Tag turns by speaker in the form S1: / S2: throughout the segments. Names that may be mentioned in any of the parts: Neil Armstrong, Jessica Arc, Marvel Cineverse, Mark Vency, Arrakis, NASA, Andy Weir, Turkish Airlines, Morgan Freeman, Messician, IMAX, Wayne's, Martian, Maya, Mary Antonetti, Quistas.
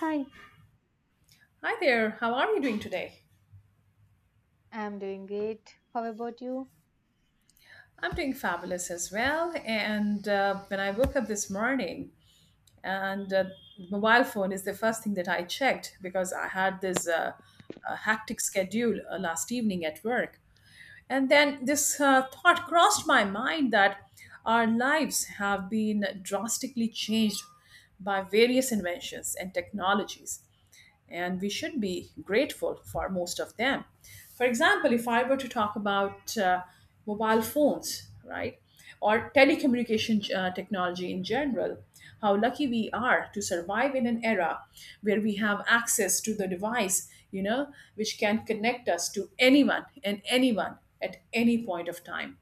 S1: Hi.
S2: Hi there, how are you doing today?
S1: I'm doing great. How about you?
S2: I'm doing fabulous as well. And when I woke up this morning, and mobile phone is the first thing that I checked because I had this hectic schedule last evening at work. And then this thought crossed my mind that our lives have been drastically changed by various inventions and technologies. And we should be grateful for most of them. For example, if I were to talk about mobile phones, right, or telecommunication technology in general, how lucky we are to survive in an era where we have access to the device, which can connect us to anyone and anyone at any point of time.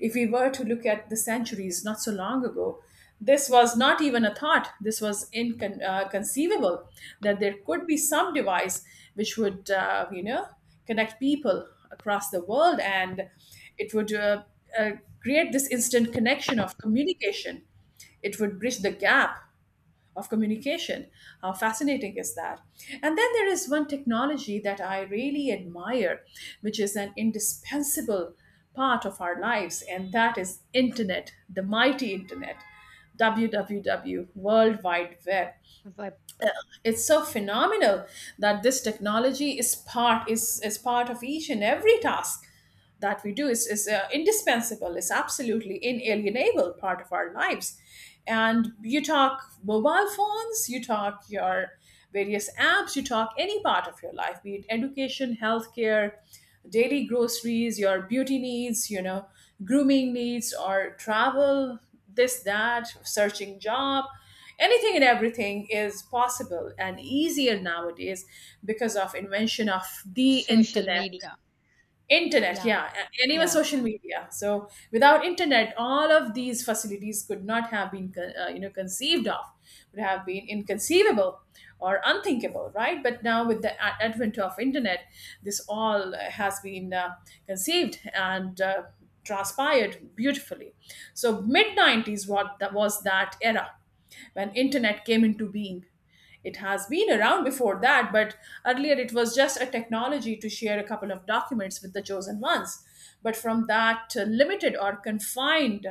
S2: If we were to look at the centuries not so long ago, this was not even a thought. This was inconceivable that there could be some device which would, connect people across the world and it would uh, create this instant connection of communication. It would bridge the gap of communication. How fascinating is that? And then there is one technology that I really admire, which is an indispensable part of our lives, and that is internet, the mighty internet, www, World Wide Web.
S1: Web.
S2: Uh, It's so phenomenal that this technology is part of each and every task that we do is indispensable, is absolutely inalienable part of our lives. And you talk mobile phones, you talk your various apps, you talk any part of your life, be it education, healthcare, daily groceries, your beauty needs, grooming needs, or travel, this, that, searching job. Anything and everything is possible and easier nowadays because of invention of the
S1: Social
S2: internet.
S1: media.
S2: Internet,
S1: Yeah.
S2: yeah, and even
S1: Yeah.
S2: social media. So without internet, all of these facilities could not have been, conceived of, would have been inconceivable or unthinkable, right? But now with the advent of internet, this all has been conceived and transpired beautifully. So mid 90s, what that was that era when internet came into being. It has been around before that, but earlier it was just a technology to share a couple of documents with the chosen ones. But from that limited or confined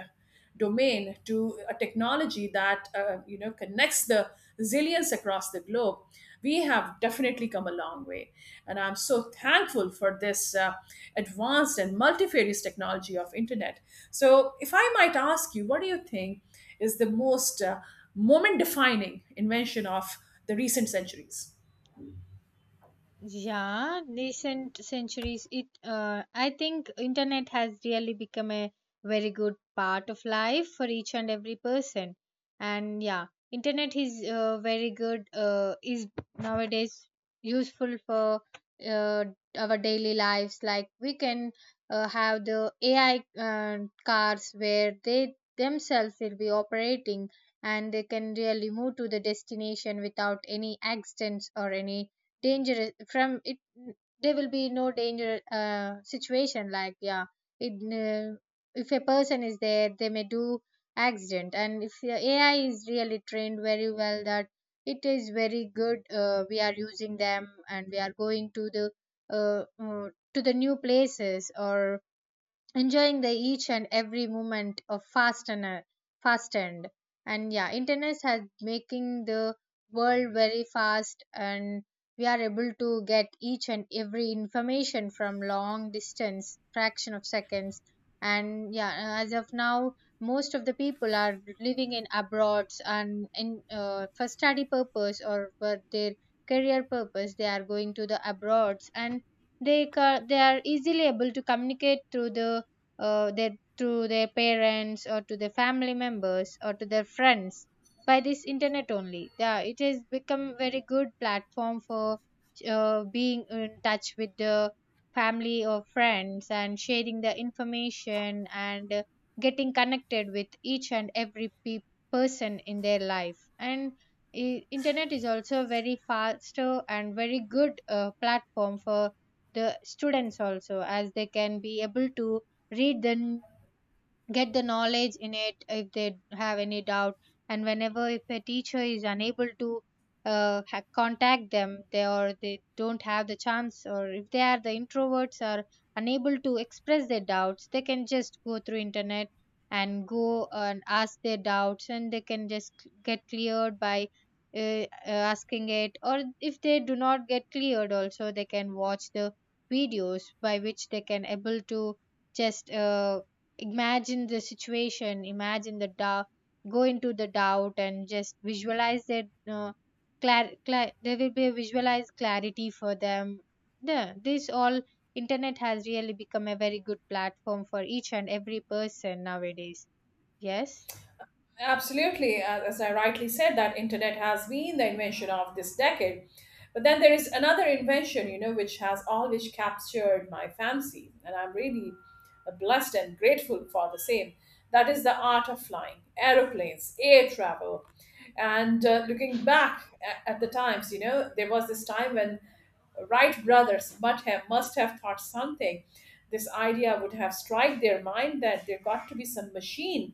S2: domain to a technology that connects the zillions across the globe, we have definitely come a long way. And I'm so thankful for this advanced and multifarious technology of internet. So, if I might ask you, what do you think is the most moment defining invention of the recent centuries?
S1: Yeah, recent centuries it I think internet has really become a very good part of life for each and every person. And yeah, internet is very good is nowadays useful for uh, our daily lives like we can have the AI cars where they themselves will be operating, and they can really move to the destination without any accidents or any dangerous from it. There will be no danger situation like yeah it, uh, if a person is there they may do accident. And if your ai is really trained very well that it is very good, we are using them and we are going uh, uh, to the new places or enjoying the each and every moment of fast and, and yeah, internet has making the world very fast, and we are able to get each and every information from long distance fraction of seconds. And yeah, as of now, most of the people are living in abroads and in for study purpose or for their career purpose they are going to the abroads, and they are easily able to communicate through the uh, their, to their parents or to their family members or to their friends by this internet only. Yeah, it has become very good platform for being in touch with the family or friends and sharing the information, and getting connected with each and every person in their life. And internet is also very faster and very good platform for the students also, as they can be able to read, then get the knowledge in it if they have any doubt. And whenever if a teacher is unable to contact them, they or they don't have the chance, or if they are the introverts are unable to express their doubts, they can just go through internet and go and ask their doubts, and they can just get cleared by asking it. Or if they do not get cleared also, they can watch the videos, by which they can able to just imagine the situation, imagine the doubt, go into the doubt, and just visualize that there will be a visualized clarity for them. The this all internet has really become a very good platform for each and every person nowadays. Yes.
S2: Absolutely. As I rightly said, that internet has been the invention of this decade. But then there is another invention, you know, which has always captured my fancy, and I'm really blessed and grateful for the same. That is the art of flying, aeroplanes, air travel. And looking back at the times, you know, there was this time when Wright brothers must have thought something. This idea would have struck their mind that there got to be some machine,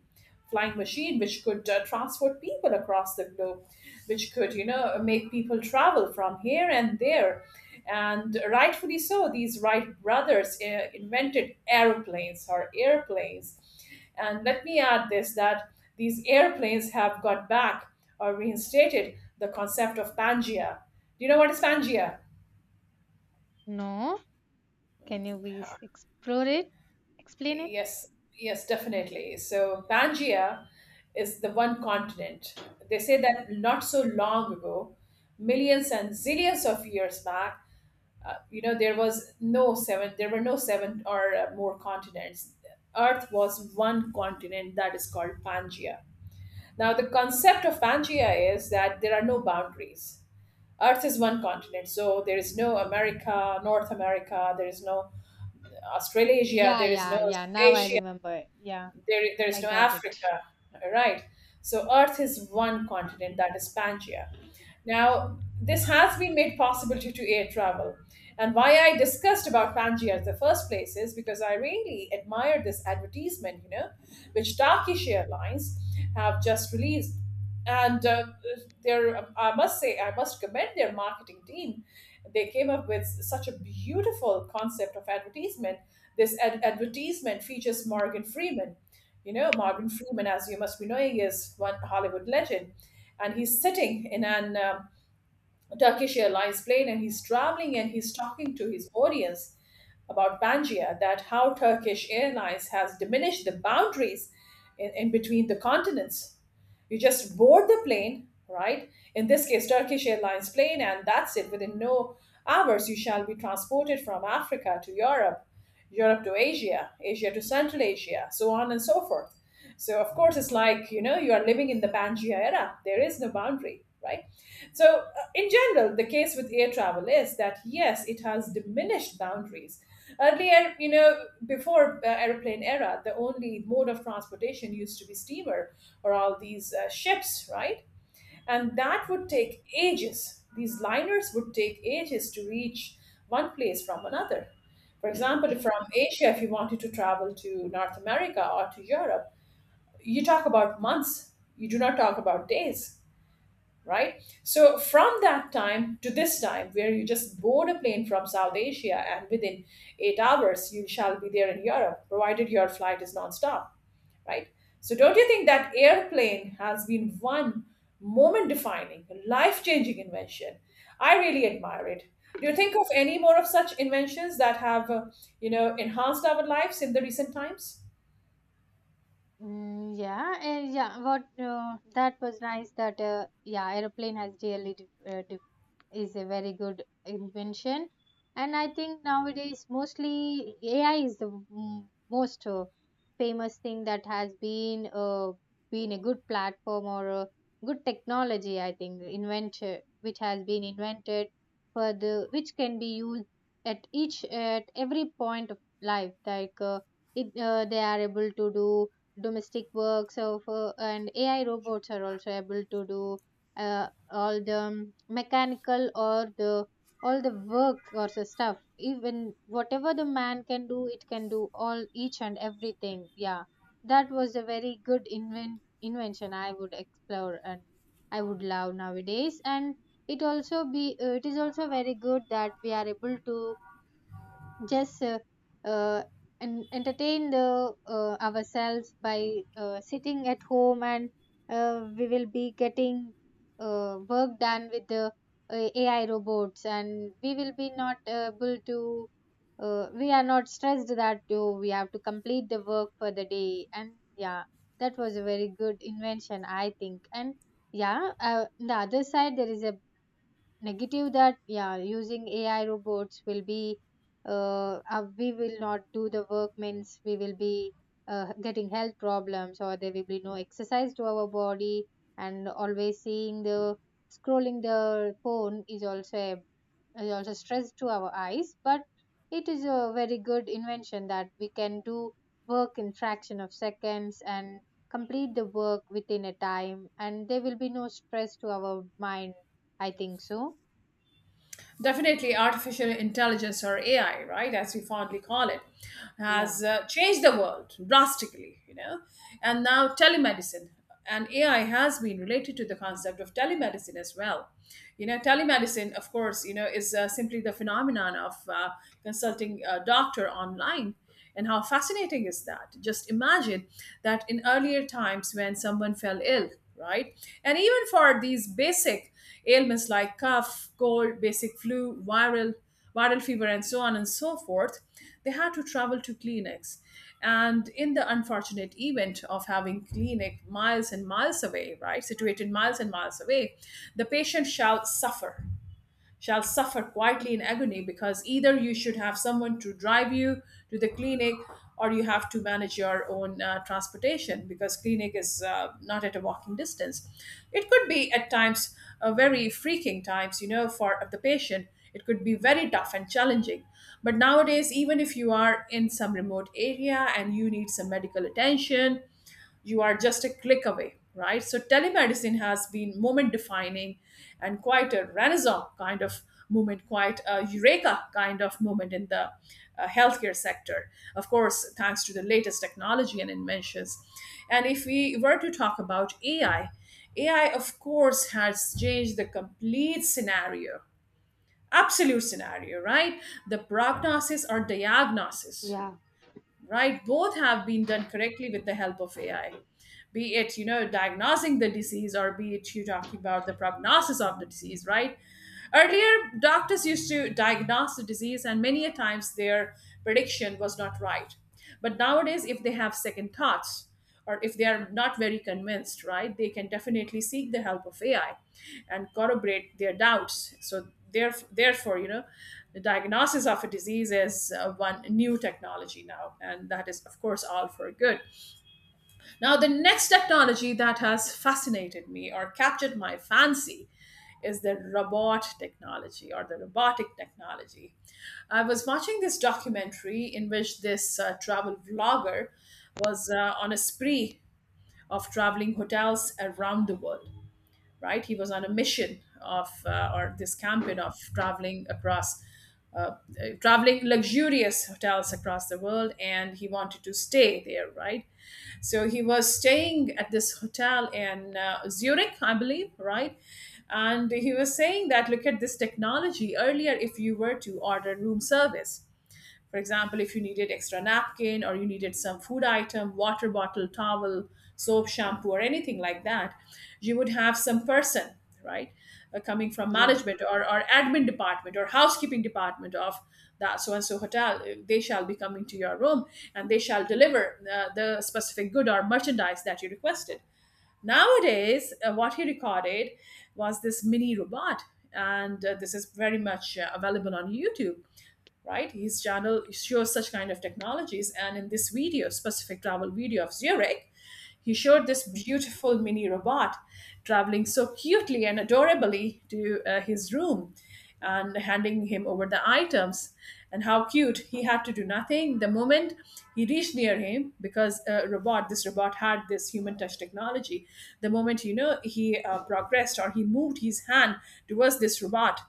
S2: flying machine, which could transport people across the globe, which could, you know, make people travel from here and there, and rightfully so. These Wright brothers invented aeroplanes or airplanes, and let me add this that these airplanes have got back or reinstated the concept of Pangea. Do you know what is Pangea?
S1: No. Can you please explore it, explain it?
S2: Yes, yes, definitely. So Pangaea is the one continent. They say that not so long ago, millions and zillions of years back, there was no seven, there were no seven or more continents. Earth was one continent that is called Pangaea. Now, the concept of Pangaea is that there are no boundaries. Earth is one continent, so there is no America, North America, there is no Australasia,
S1: Yeah,
S2: there is no
S1: yeah, yeah, now I
S2: Asia,
S1: remember. Yeah,
S2: there is
S1: I
S2: no
S1: got it.
S2: Africa, right? So Earth is one continent that is Pangaea. Now, this has been made possible due to air travel. And why I discussed about Pangaea in the first place is because I really admire this advertisement, you know, which Turkish Airlines have just released. And their, I must say, I must commend their marketing team. They came up with such a beautiful concept of advertisement. This advertisement features Morgan Freeman. You know, Morgan Freeman, as you must be knowing, is one Hollywood legend, and he's sitting in an Turkish Airlines plane, and he's traveling, and he's talking to his audience about Pangaea, that how Turkish Airlines has diminished the boundaries in between the continents. You just board the plane, right? In this case, Turkish Airlines plane, and that's it. Within no hours, you shall be transported from Africa to Europe. Europe to Asia, Asia to Central Asia, so on and so forth. So, of course, it's like, you know, you are living in the Pangea era. There is no boundary, right? So, in general, the case with air travel is that yes, it has diminished boundaries. Earlier, you know, before airplane era, the only mode of transportation used to be steamer or all these ships, right? And that would take ages these liners would take ages to reach one place from another. For example, if from Asia, if you wanted to travel to North America or to Europe, you talk about months, you do not talk about days, right? So from that time to this time where you just board a plane from South Asia, and within 8 hours you shall be there in Europe, provided your flight is nonstop, right? So, don't you think that airplane has been one moment defining, life changing invention? I really admire it. Do you think of any more of such inventions that have, enhanced our lives in the recent times?
S1: Mm, yeah, and yeah, what that was nice that yeah, airplane has really div is a very good invention. And I think nowadays mostly ai is the most famous thing that has been a good platform or a good technology I think invented, which has been invented for the which can be used at each at every point of life. Like it they are able to do domestic works of and ai robots are also able to do all the mechanical or the all the work or the stuff, even whatever the man can do, it can do all each and everything. Yeah, that was a very good invention, I would explore, and I would love nowadays. And it also be it is also very good that we are able to just uh, entertain the ourselves by sitting at home, and we will be getting work done with the ai robots, and we will be not able to we are not stressed that oh, we have to complete the work for the day. And yeah, that was a very good invention I think. And yeah, the other side there is a negative that yeah, using ai robots will be we will not do the work, means we will be getting health problems, or there will be no exercise to our body, and always seeing the scrolling the phone is also a, is also stress to our eyes. But it is a very good invention that we can do work in fraction of seconds and complete the work within a time, and there will be no stress to our mind, I think so.
S2: Definitely, artificial intelligence or AI, right, as we fondly call it,
S1: Yeah,
S2: has changed the world drastically, you know. And now, telemedicine and AI has been related to the concept of telemedicine as well. You know, telemedicine, of course, you know, is simply the phenomenon of consulting a doctor online. And how fascinating is that? Just imagine that in earlier times when someone fell ill, right? And even for these basic ailments like cough, cold, basic flu, viral fever, and so on and so forth, they had to travel to clinics. And in the unfortunate event of having clinic miles and miles away, right, situated miles and miles away, the patient shall suffer quietly in agony, because either you should have someone to drive you to the clinic, or you have to manage your own transportation, because clinic is not at a walking distance. It could be at times very freaking times, you know, for the patient it could be very tough and challenging. But nowadays, even if you are in some remote area and you need some medical attention, you are just a click away, right? So telemedicine has been moment defining, and quite a renaissance kind of moment, quite a eureka kind of moment in the healthcare sector, of course, thanks to the latest technology and inventions. And if we were to talk about AI, of course, has changed the complete scenario, absolute scenario, right? The prognosis or diagnosis,
S1: yeah,
S2: right, both have been done correctly with the help of AI, be it, you know, diagnosing the disease, or be it you talking about the prognosis of the disease, right? Earlier, doctors used to diagnose the disease, and many a times their prediction was not right. But nowadays, if they have second thoughts or if they are not very convinced, right, they can definitely seek the help of AI and corroborate their doubts. So therefore, you know, the diagnosis of a disease is one new technology now, and that is, of course, all for good. Now, the next technology that has fascinated me or captured my fancy is the robot technology or the robotic technology. I was watching this documentary in which this travel vlogger was on a spree of traveling hotels around the world, right? He was on a mission of or this campaign of traveling across. Uh, Traveling luxurious hotels across the world, and he wanted to stay there, right? So he was staying at this hotel in Zurich, I believe, right? And he was saying that, look at this technology. Earlier, if you were to order room service, for example, if you needed extra napkin or you needed some food item, water bottle, towel, soap, shampoo, or anything like that, you would have some person, right, coming from
S1: yeah,
S2: management or admin department or housekeeping department of that so and so hotel. They shall be coming to your room, and they shall deliver the specific good or merchandise that you requested. Nowadays, what he recorded was this mini robot, and this is very much available on YouTube, right? His channel shows such kind of technologies. And in this video, specific travel video of Zurich, he showed this beautiful mini robot traveling so cutely and adorably to his room and handing him over the items. And how cute, he had to do nothing. The moment he reached near him, because a robot this robot had this human touch technology, the moment he progressed or he moved his hand towards this robot,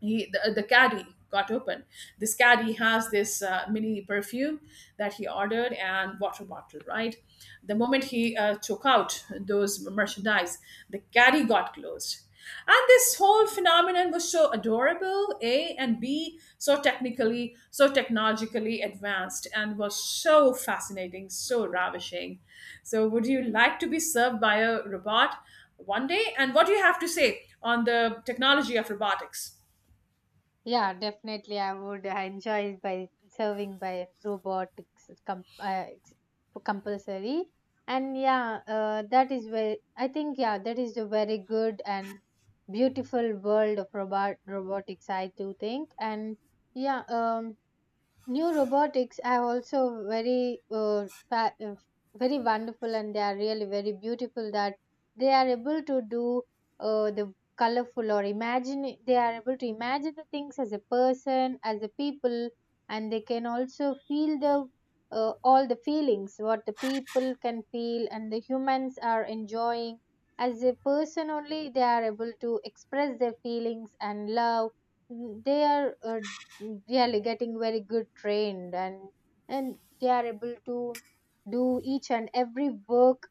S2: the caddy got open. This caddy has this mini perfume that he ordered, and water bottle, right? The moment he took out those merchandise, the caddy got closed. And this whole phenomenon was so adorable a and b, so technically, so technologically advanced, and was so fascinating, so ravishing. So would you like to be served by a robot one day, and what do you have to say on the technology of robotics?
S1: yeah. Definitely, I would enjoy by serving by robotics ex- compulsory, and yeah, that is very. I think yeah, that is a very good and beautiful world of robotics, I do think. And yeah, new robotics are also very, very wonderful, and they are really very beautiful. That they are able to do the colorful or imagine. They are able to imagine the things as a person, as a people, and they can also feel the all the feelings what the people can feel, and the humans are enjoying. As a person only, they are able to express their feelings and love. Mm, they are they are getting very good trained, and they are able to do each and every work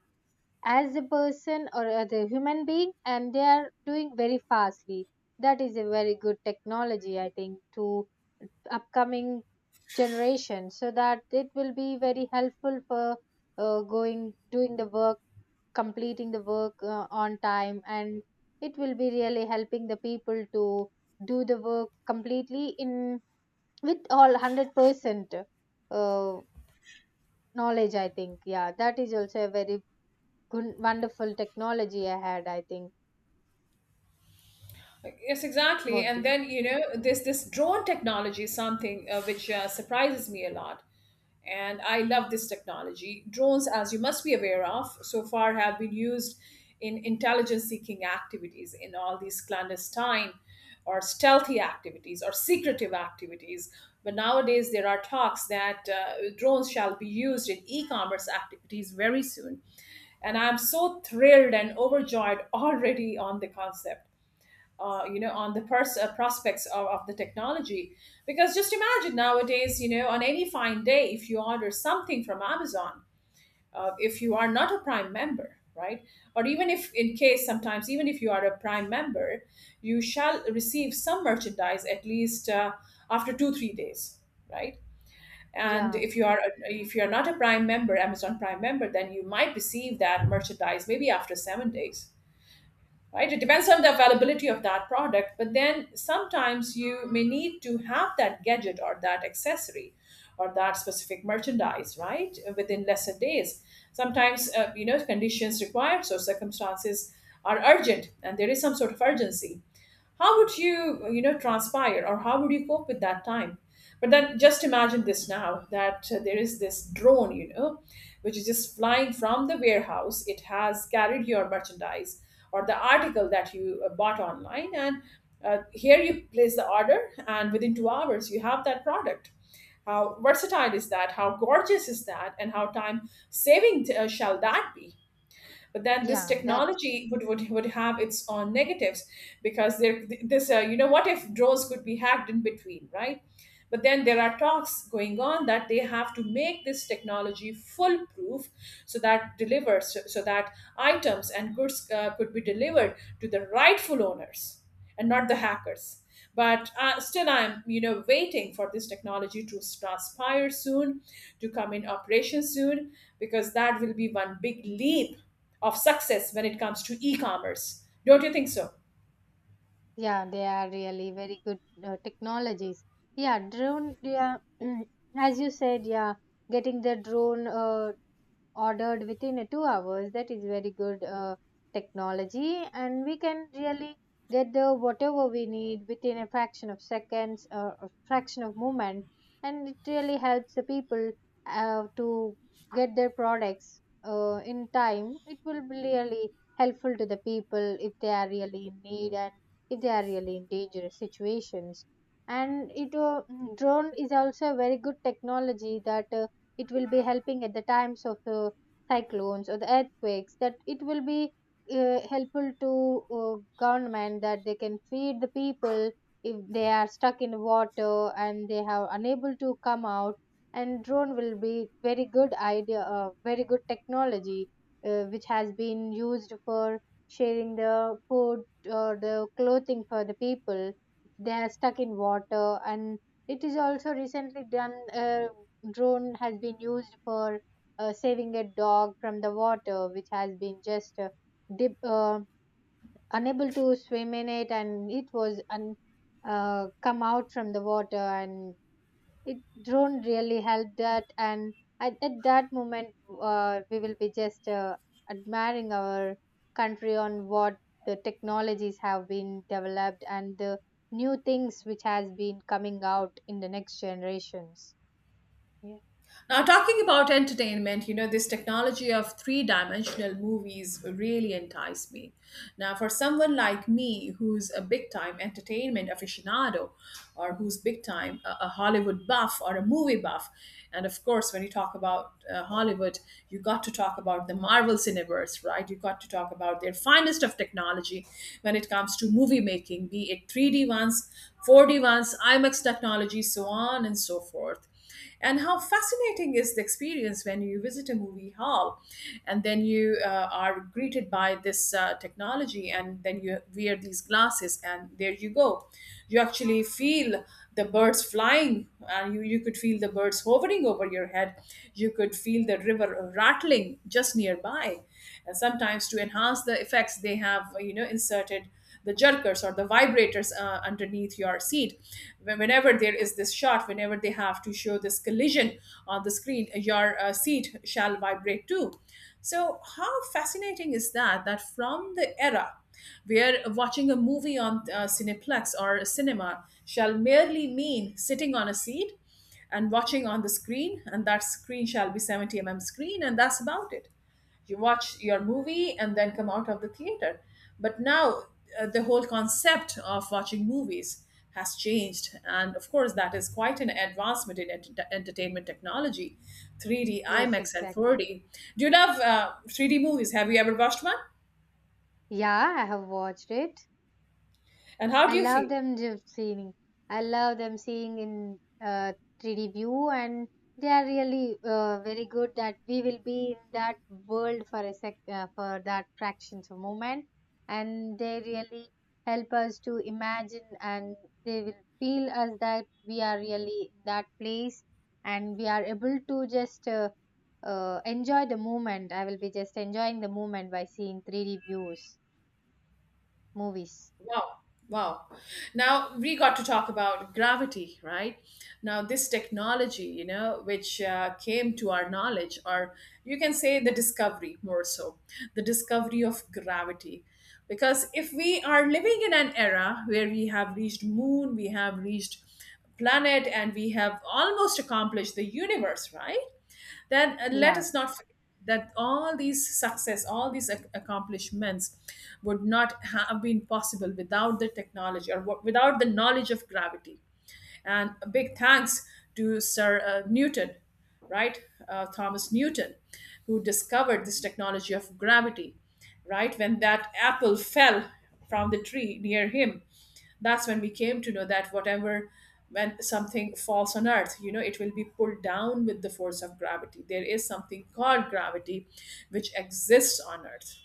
S1: as a person or as a human being, and they are doing very fastly. That is a very good technology I think to upcoming generation, so that it will be very helpful for going doing the work, completing the work on time, and it will be really helping the people to do the work completely in with all 100% knowledge, I think. Yeah, that is also a very good wonderful technology I think.
S2: Yes, exactly.
S1: What do
S2: And
S1: you?
S2: then, this drone technology is something which surprises me a lot. And I love this technology. Drones, as you must be aware of, so far have been used in intelligence seeking activities, in all these clandestine or stealthy activities, or secretive activities. But nowadays, there are talks that drones shall be used in e commerce activities very soon. And I'm so thrilled and overjoyed already on the concept, on the prospects of the technology. Because just imagine nowadays, on any fine day, if you order something from Amazon, if you are not a Prime member, right? Or even if, in case sometimes, even if you are a Prime member, you shall receive some merchandise at least after two, 3 days, right? And
S1: Yeah,
S2: if you are not a Prime member, Amazon Prime member, then you might receive that merchandise maybe after 7 days, right? It depends on the availability of that product, but then sometimes you may need to have that gadget or that accessory or that specific merchandise, right, within lesser days. Sometimes, conditions require, so circumstances are urgent and there is some sort of urgency. How would you, you know transpire, or how would you cope with that time? But then just imagine this now, that there is this drone, which is just flying from the warehouse. It has carried your merchandise or the article that you bought online, and here you place the order, and within 2 hours you have that product. How versatile is that, how gorgeous is that, and how time saving shall that be? But then this
S1: yeah, that,
S2: technology would have its own negatives, because there this what if drones could be hacked in between, right? But then there are talks going on that they have to make this technology foolproof, so that so that items and goods could be delivered to the rightful owners and not the hackers. But still, I'm waiting for this technology to transpire soon, to come in operation soon, because that will be one big leap of success when it comes to e-commerce. Don't you think so?
S1: yeah, they are really very good technologies. Yeah, drone, yeah, as you said, yeah, getting the drone ordered within a 2 hours, that is very good technology, and we can really get the whatever we need within a fraction of seconds or a fraction of moment. And it really helps the people to get their products in time. It will be really helpful to the people if they are really in need, and if they are really in dangerous situations. And it drone is also a very good technology that it will be helping at the times of the cyclones or the earthquakes, that it will be helpful to government, that they can feed the people if they are stuck in water and they are unable to come out. And drone will be very good idea, very good technology which has been used for sharing the food or the clothing for the people if they are stuck in water. And it is also recently done, drone has been used for saving a dog from the water, which has been just dip, uh, unable to swim in it, and it was come out from the water. And it drone really helped that. And at that moment, we will be just admiring our country on what the technologies have been developed and the new things which has been coming out in the next generations. Yeah.
S2: Now, talking about entertainment, this technology of three dimensional movies really enticed me. Now, for someone like me who's a big time entertainment aficionado, or who's big time a Hollywood buff or a movie buff, and of course, when you talk about Hollywood, you got to talk about the Marvel Cineverse, right? You got to talk about their finest of technology when it comes to movie making, be it 3D ones, 4D ones, IMAX technology, so on and so forth. And how fascinating is the experience when you visit a movie hall, and then you are greeted by this technology, and then you wear these glasses and there you go. You actually feel the birds flying, and you could feel the birds hovering over your head. You could feel the river rattling just nearby. And sometimes to enhance the effects, they have inserted the jerkers or the vibrators underneath your seat. Whenever there is this shot, whenever they have to show this collision on the screen, your seat shall vibrate too. So, how fascinating is that? That from the era where watching a movie on Cineplex or a cinema shall merely mean sitting on a seat and watching on the screen, and that screen shall be 70 mm screen, and that's about it. You watch your movie and then come out of the theater. But now, the whole concept of watching movies has changed, and of course that is quite an advancement in entertainment technology, 3D
S1: Yes,
S2: IMAX and
S1: exactly.
S2: 4D. Do you love 3D movies? Have you ever watched one,
S1: Yeah, I have watched it.
S2: and how
S1: I
S2: do you
S1: love
S2: feel?
S1: them just seeing. I love them seeing in uh, 3D view, and they are really very good that we will be in that world for a sec for that fractions of moment, and they really help us to imagine, and they will feel us that we are really in that place, and we are able to just enjoy the moment. I will be just enjoying the moment by seeing 3D views movies.
S2: Wow. Wow. Now we got to talk about gravity, right? Now, this technology, which came to our knowledge, or you can say the discovery more so, the discovery of gravity. Because if we are living in an era where we have reached moon, we have reached planet, and we have almost accomplished the universe, right? Then let
S1: Yeah,
S2: us not forget that all these success, all these accomplishments would not have been possible without the technology, or without the knowledge of gravity. And a big thanks to Sir Newton, right? Thomas Newton, who discovered this technology of gravity. Right when that apple fell from the tree near him, that's when we came to know that, whatever, when something falls on earth, it will be pulled down with the force of gravity. There is something called gravity which exists on earth.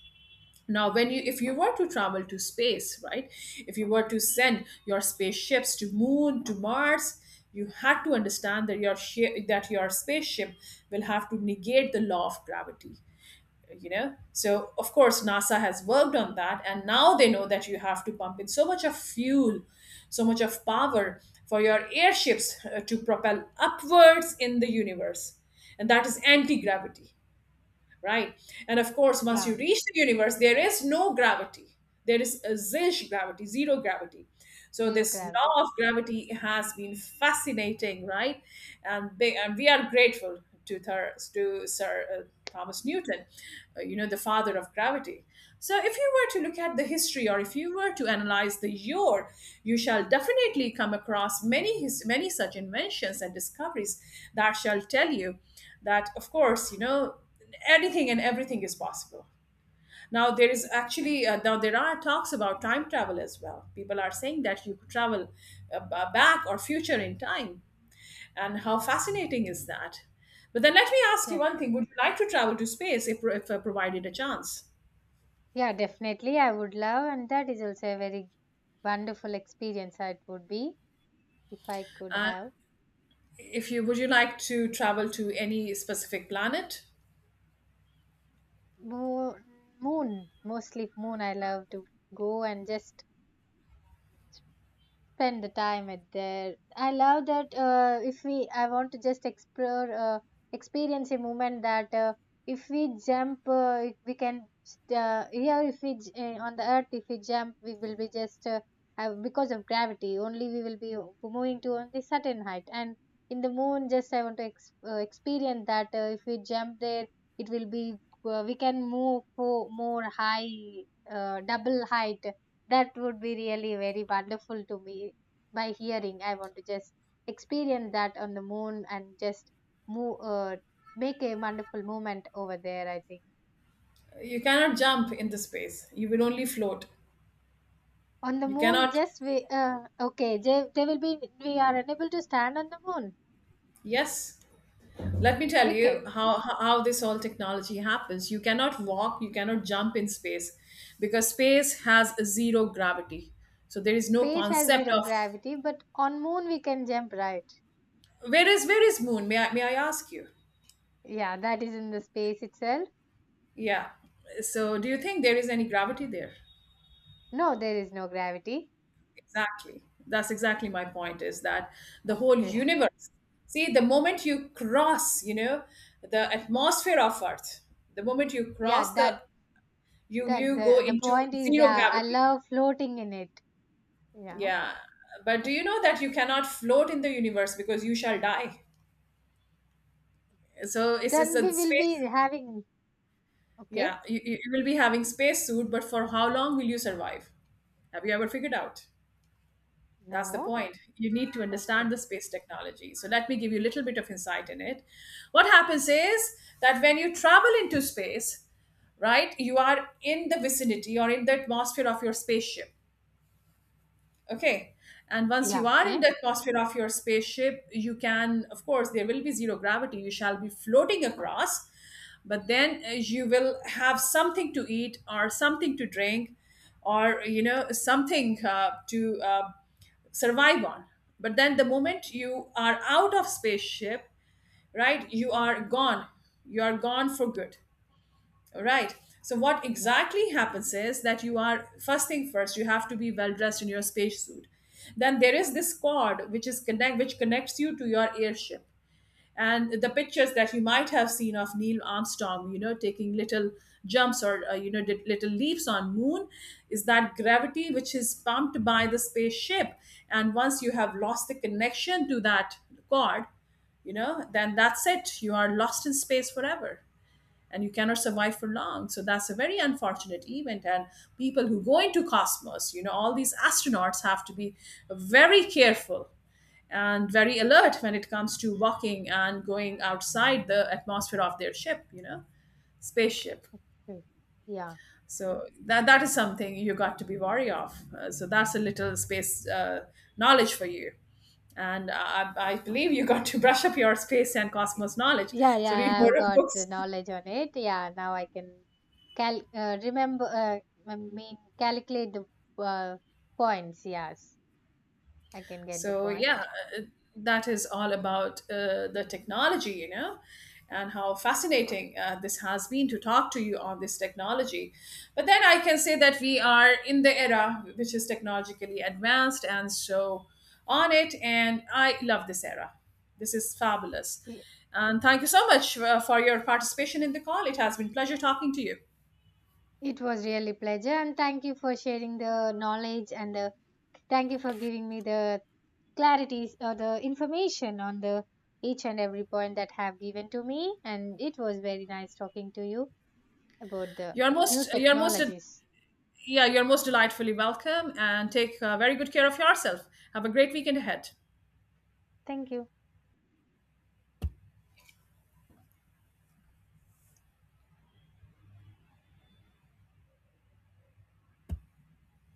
S2: Now when you, if you were to travel to space, right, if you were to send your spaceships to moon, to Mars, you had to understand that your shi that your spaceship will have to negate the law of gravity, so of course NASA has worked on that. And now they know that you have to pump in so much of fuel, so much of power for your airships to propel upwards in the universe, and that is anti-gravity, right? And of course, once you
S1: yeah,
S2: reach the universe, there is no gravity. There is a zilch gravity, zero gravity. So
S1: zero
S2: this
S1: gravity.
S2: law of gravity has been fascinating, right? And, and we are grateful to, to Sir Thomas Newton, the father of gravity. So if you were to look at the history, or if you were to analyze the year, you shall definitely come across many such inventions and discoveries that shall tell you that, of course, anything and everything is possible. Now there is actually now there are talks about time travel as well. People are saying that you could travel back or future in time, and how fascinating is that? But then let me ask you
S1: De-
S2: one thing. Would you like to travel to space if provided a chance?
S1: yeah, definitely. I would love, and that is also a very wonderful experience. It would be if I could
S2: And
S1: have.
S2: if you, would you like to travel to any specific planet?
S1: Moon, moon, mostly moon. I love to go and just spend the time at there. I love that if we I want to just explore experience a moment that if we if we can here if we j- on the earth if we jump, we will be just because of gravity only we will be moving to only certain height. And in the moon just I want to experience that if we jump there, it will be we can move for more high, double height. That would be really very wonderful to me by hearing. I want to just experience that on the moon and just move, make a wonderful moment over there, I think.
S2: You cannot jump in the space, you will only float.
S1: On the
S2: You
S1: moon,
S2: cannot.
S1: just we okay. They will be we are unable to stand on the moon.
S2: Yes. Let me tell
S1: We
S2: you
S1: can.
S2: how, how this whole technology happens. You cannot walk, you cannot jump in space, because space has a zero gravity. So there is no
S1: Space has
S2: concept
S1: zero
S2: of,
S1: gravity, but on moon we can jump, right.
S2: where is moon? May I, ask you?
S1: Yeah, that is in the space itself.
S2: Yeah. So do you think there is any gravity there?
S1: No, there is no gravity.
S2: Exactly. That's exactly my point, is that the whole
S1: Okay.
S2: universe. See, the moment you cross, the atmosphere of Earth, the moment you
S1: Yeah,
S2: cross the,
S1: that
S2: you go
S1: the
S2: into
S1: point is
S2: zero
S1: I
S2: gravity.
S1: love floating in it. Yeah.
S2: Yeah, but do you know that you cannot float in the universe, because you shall die? So it's
S1: Then
S2: a
S1: we will be
S2: space.
S1: having,
S2: Yeah,
S1: okay?
S2: you will be having space suit, but for how long will you survive? Have you ever figured out? That's the
S1: No?
S2: point. You need to understand
S1: Okay.
S2: the space technology. So let me give you a little bit of insight in it. What happens is that when you travel into space, right, you are in the vicinity or in the atmosphere of your spaceship. Okay. And once you
S1: Yeah,
S2: are in the
S1: okay.
S2: atmosphere of your spaceship, you can, of course, there will be zero gravity. You shall be floating across, but then you will have something to eat or something to drink, or, something to survive on. But then the moment you are out of spaceship, right, you are gone. You are gone for good. Right. So what
S1: Yeah.
S2: exactly happens is that you are, first thing first, you have to be well dressed in your spacesuit. Then there is this cord which is connects you to your airship. And the pictures that you might have seen of Neil Armstrong, taking little jumps, or did little leaps on moon, is that gravity which is pumped by the spaceship. And once you have lost the connection to that cord, then that's it. You are lost in space forever, and you cannot survive for long. So that's a very unfortunate event. And people who go into cosmos, all these astronauts have to be very careful and very alert when it comes to walking and going outside the atmosphere of their ship, spaceship.
S1: Great. Yeah,
S2: So that is something you got to be wary of. So that's a little space knowledge for you. And I believe you got to brush up your space and cosmos knowledge,
S1: yeah,
S2: so read
S1: yeah.
S2: more
S1: I've
S2: of
S1: got the
S2: books.
S1: knowledge on it. Yeah, now I can cal remember, I mean, calculate the uh, points. Yes, I can get the
S2: So yeah,
S1: point.
S2: uh, that is all about the technology, and how fascinating this has been to talk to you on this technology. But then I can say that we are in the era which is technologically advanced, and so on it. And I love this era. This is fabulous.
S1: Y-
S2: And thank you so much for your participation in the call. It has been pleasure talking to you.
S1: It was really pleasure, and thank you for sharing the knowledge and the thank you for giving me the clarities or the information on the each and every point that have given to me, and it was very nice talking to you about the new
S2: You're most,
S1: technologies.
S2: yeah, you're most delightfully welcome. And take very good care of yourself. Have a great weekend ahead.
S1: Thank you.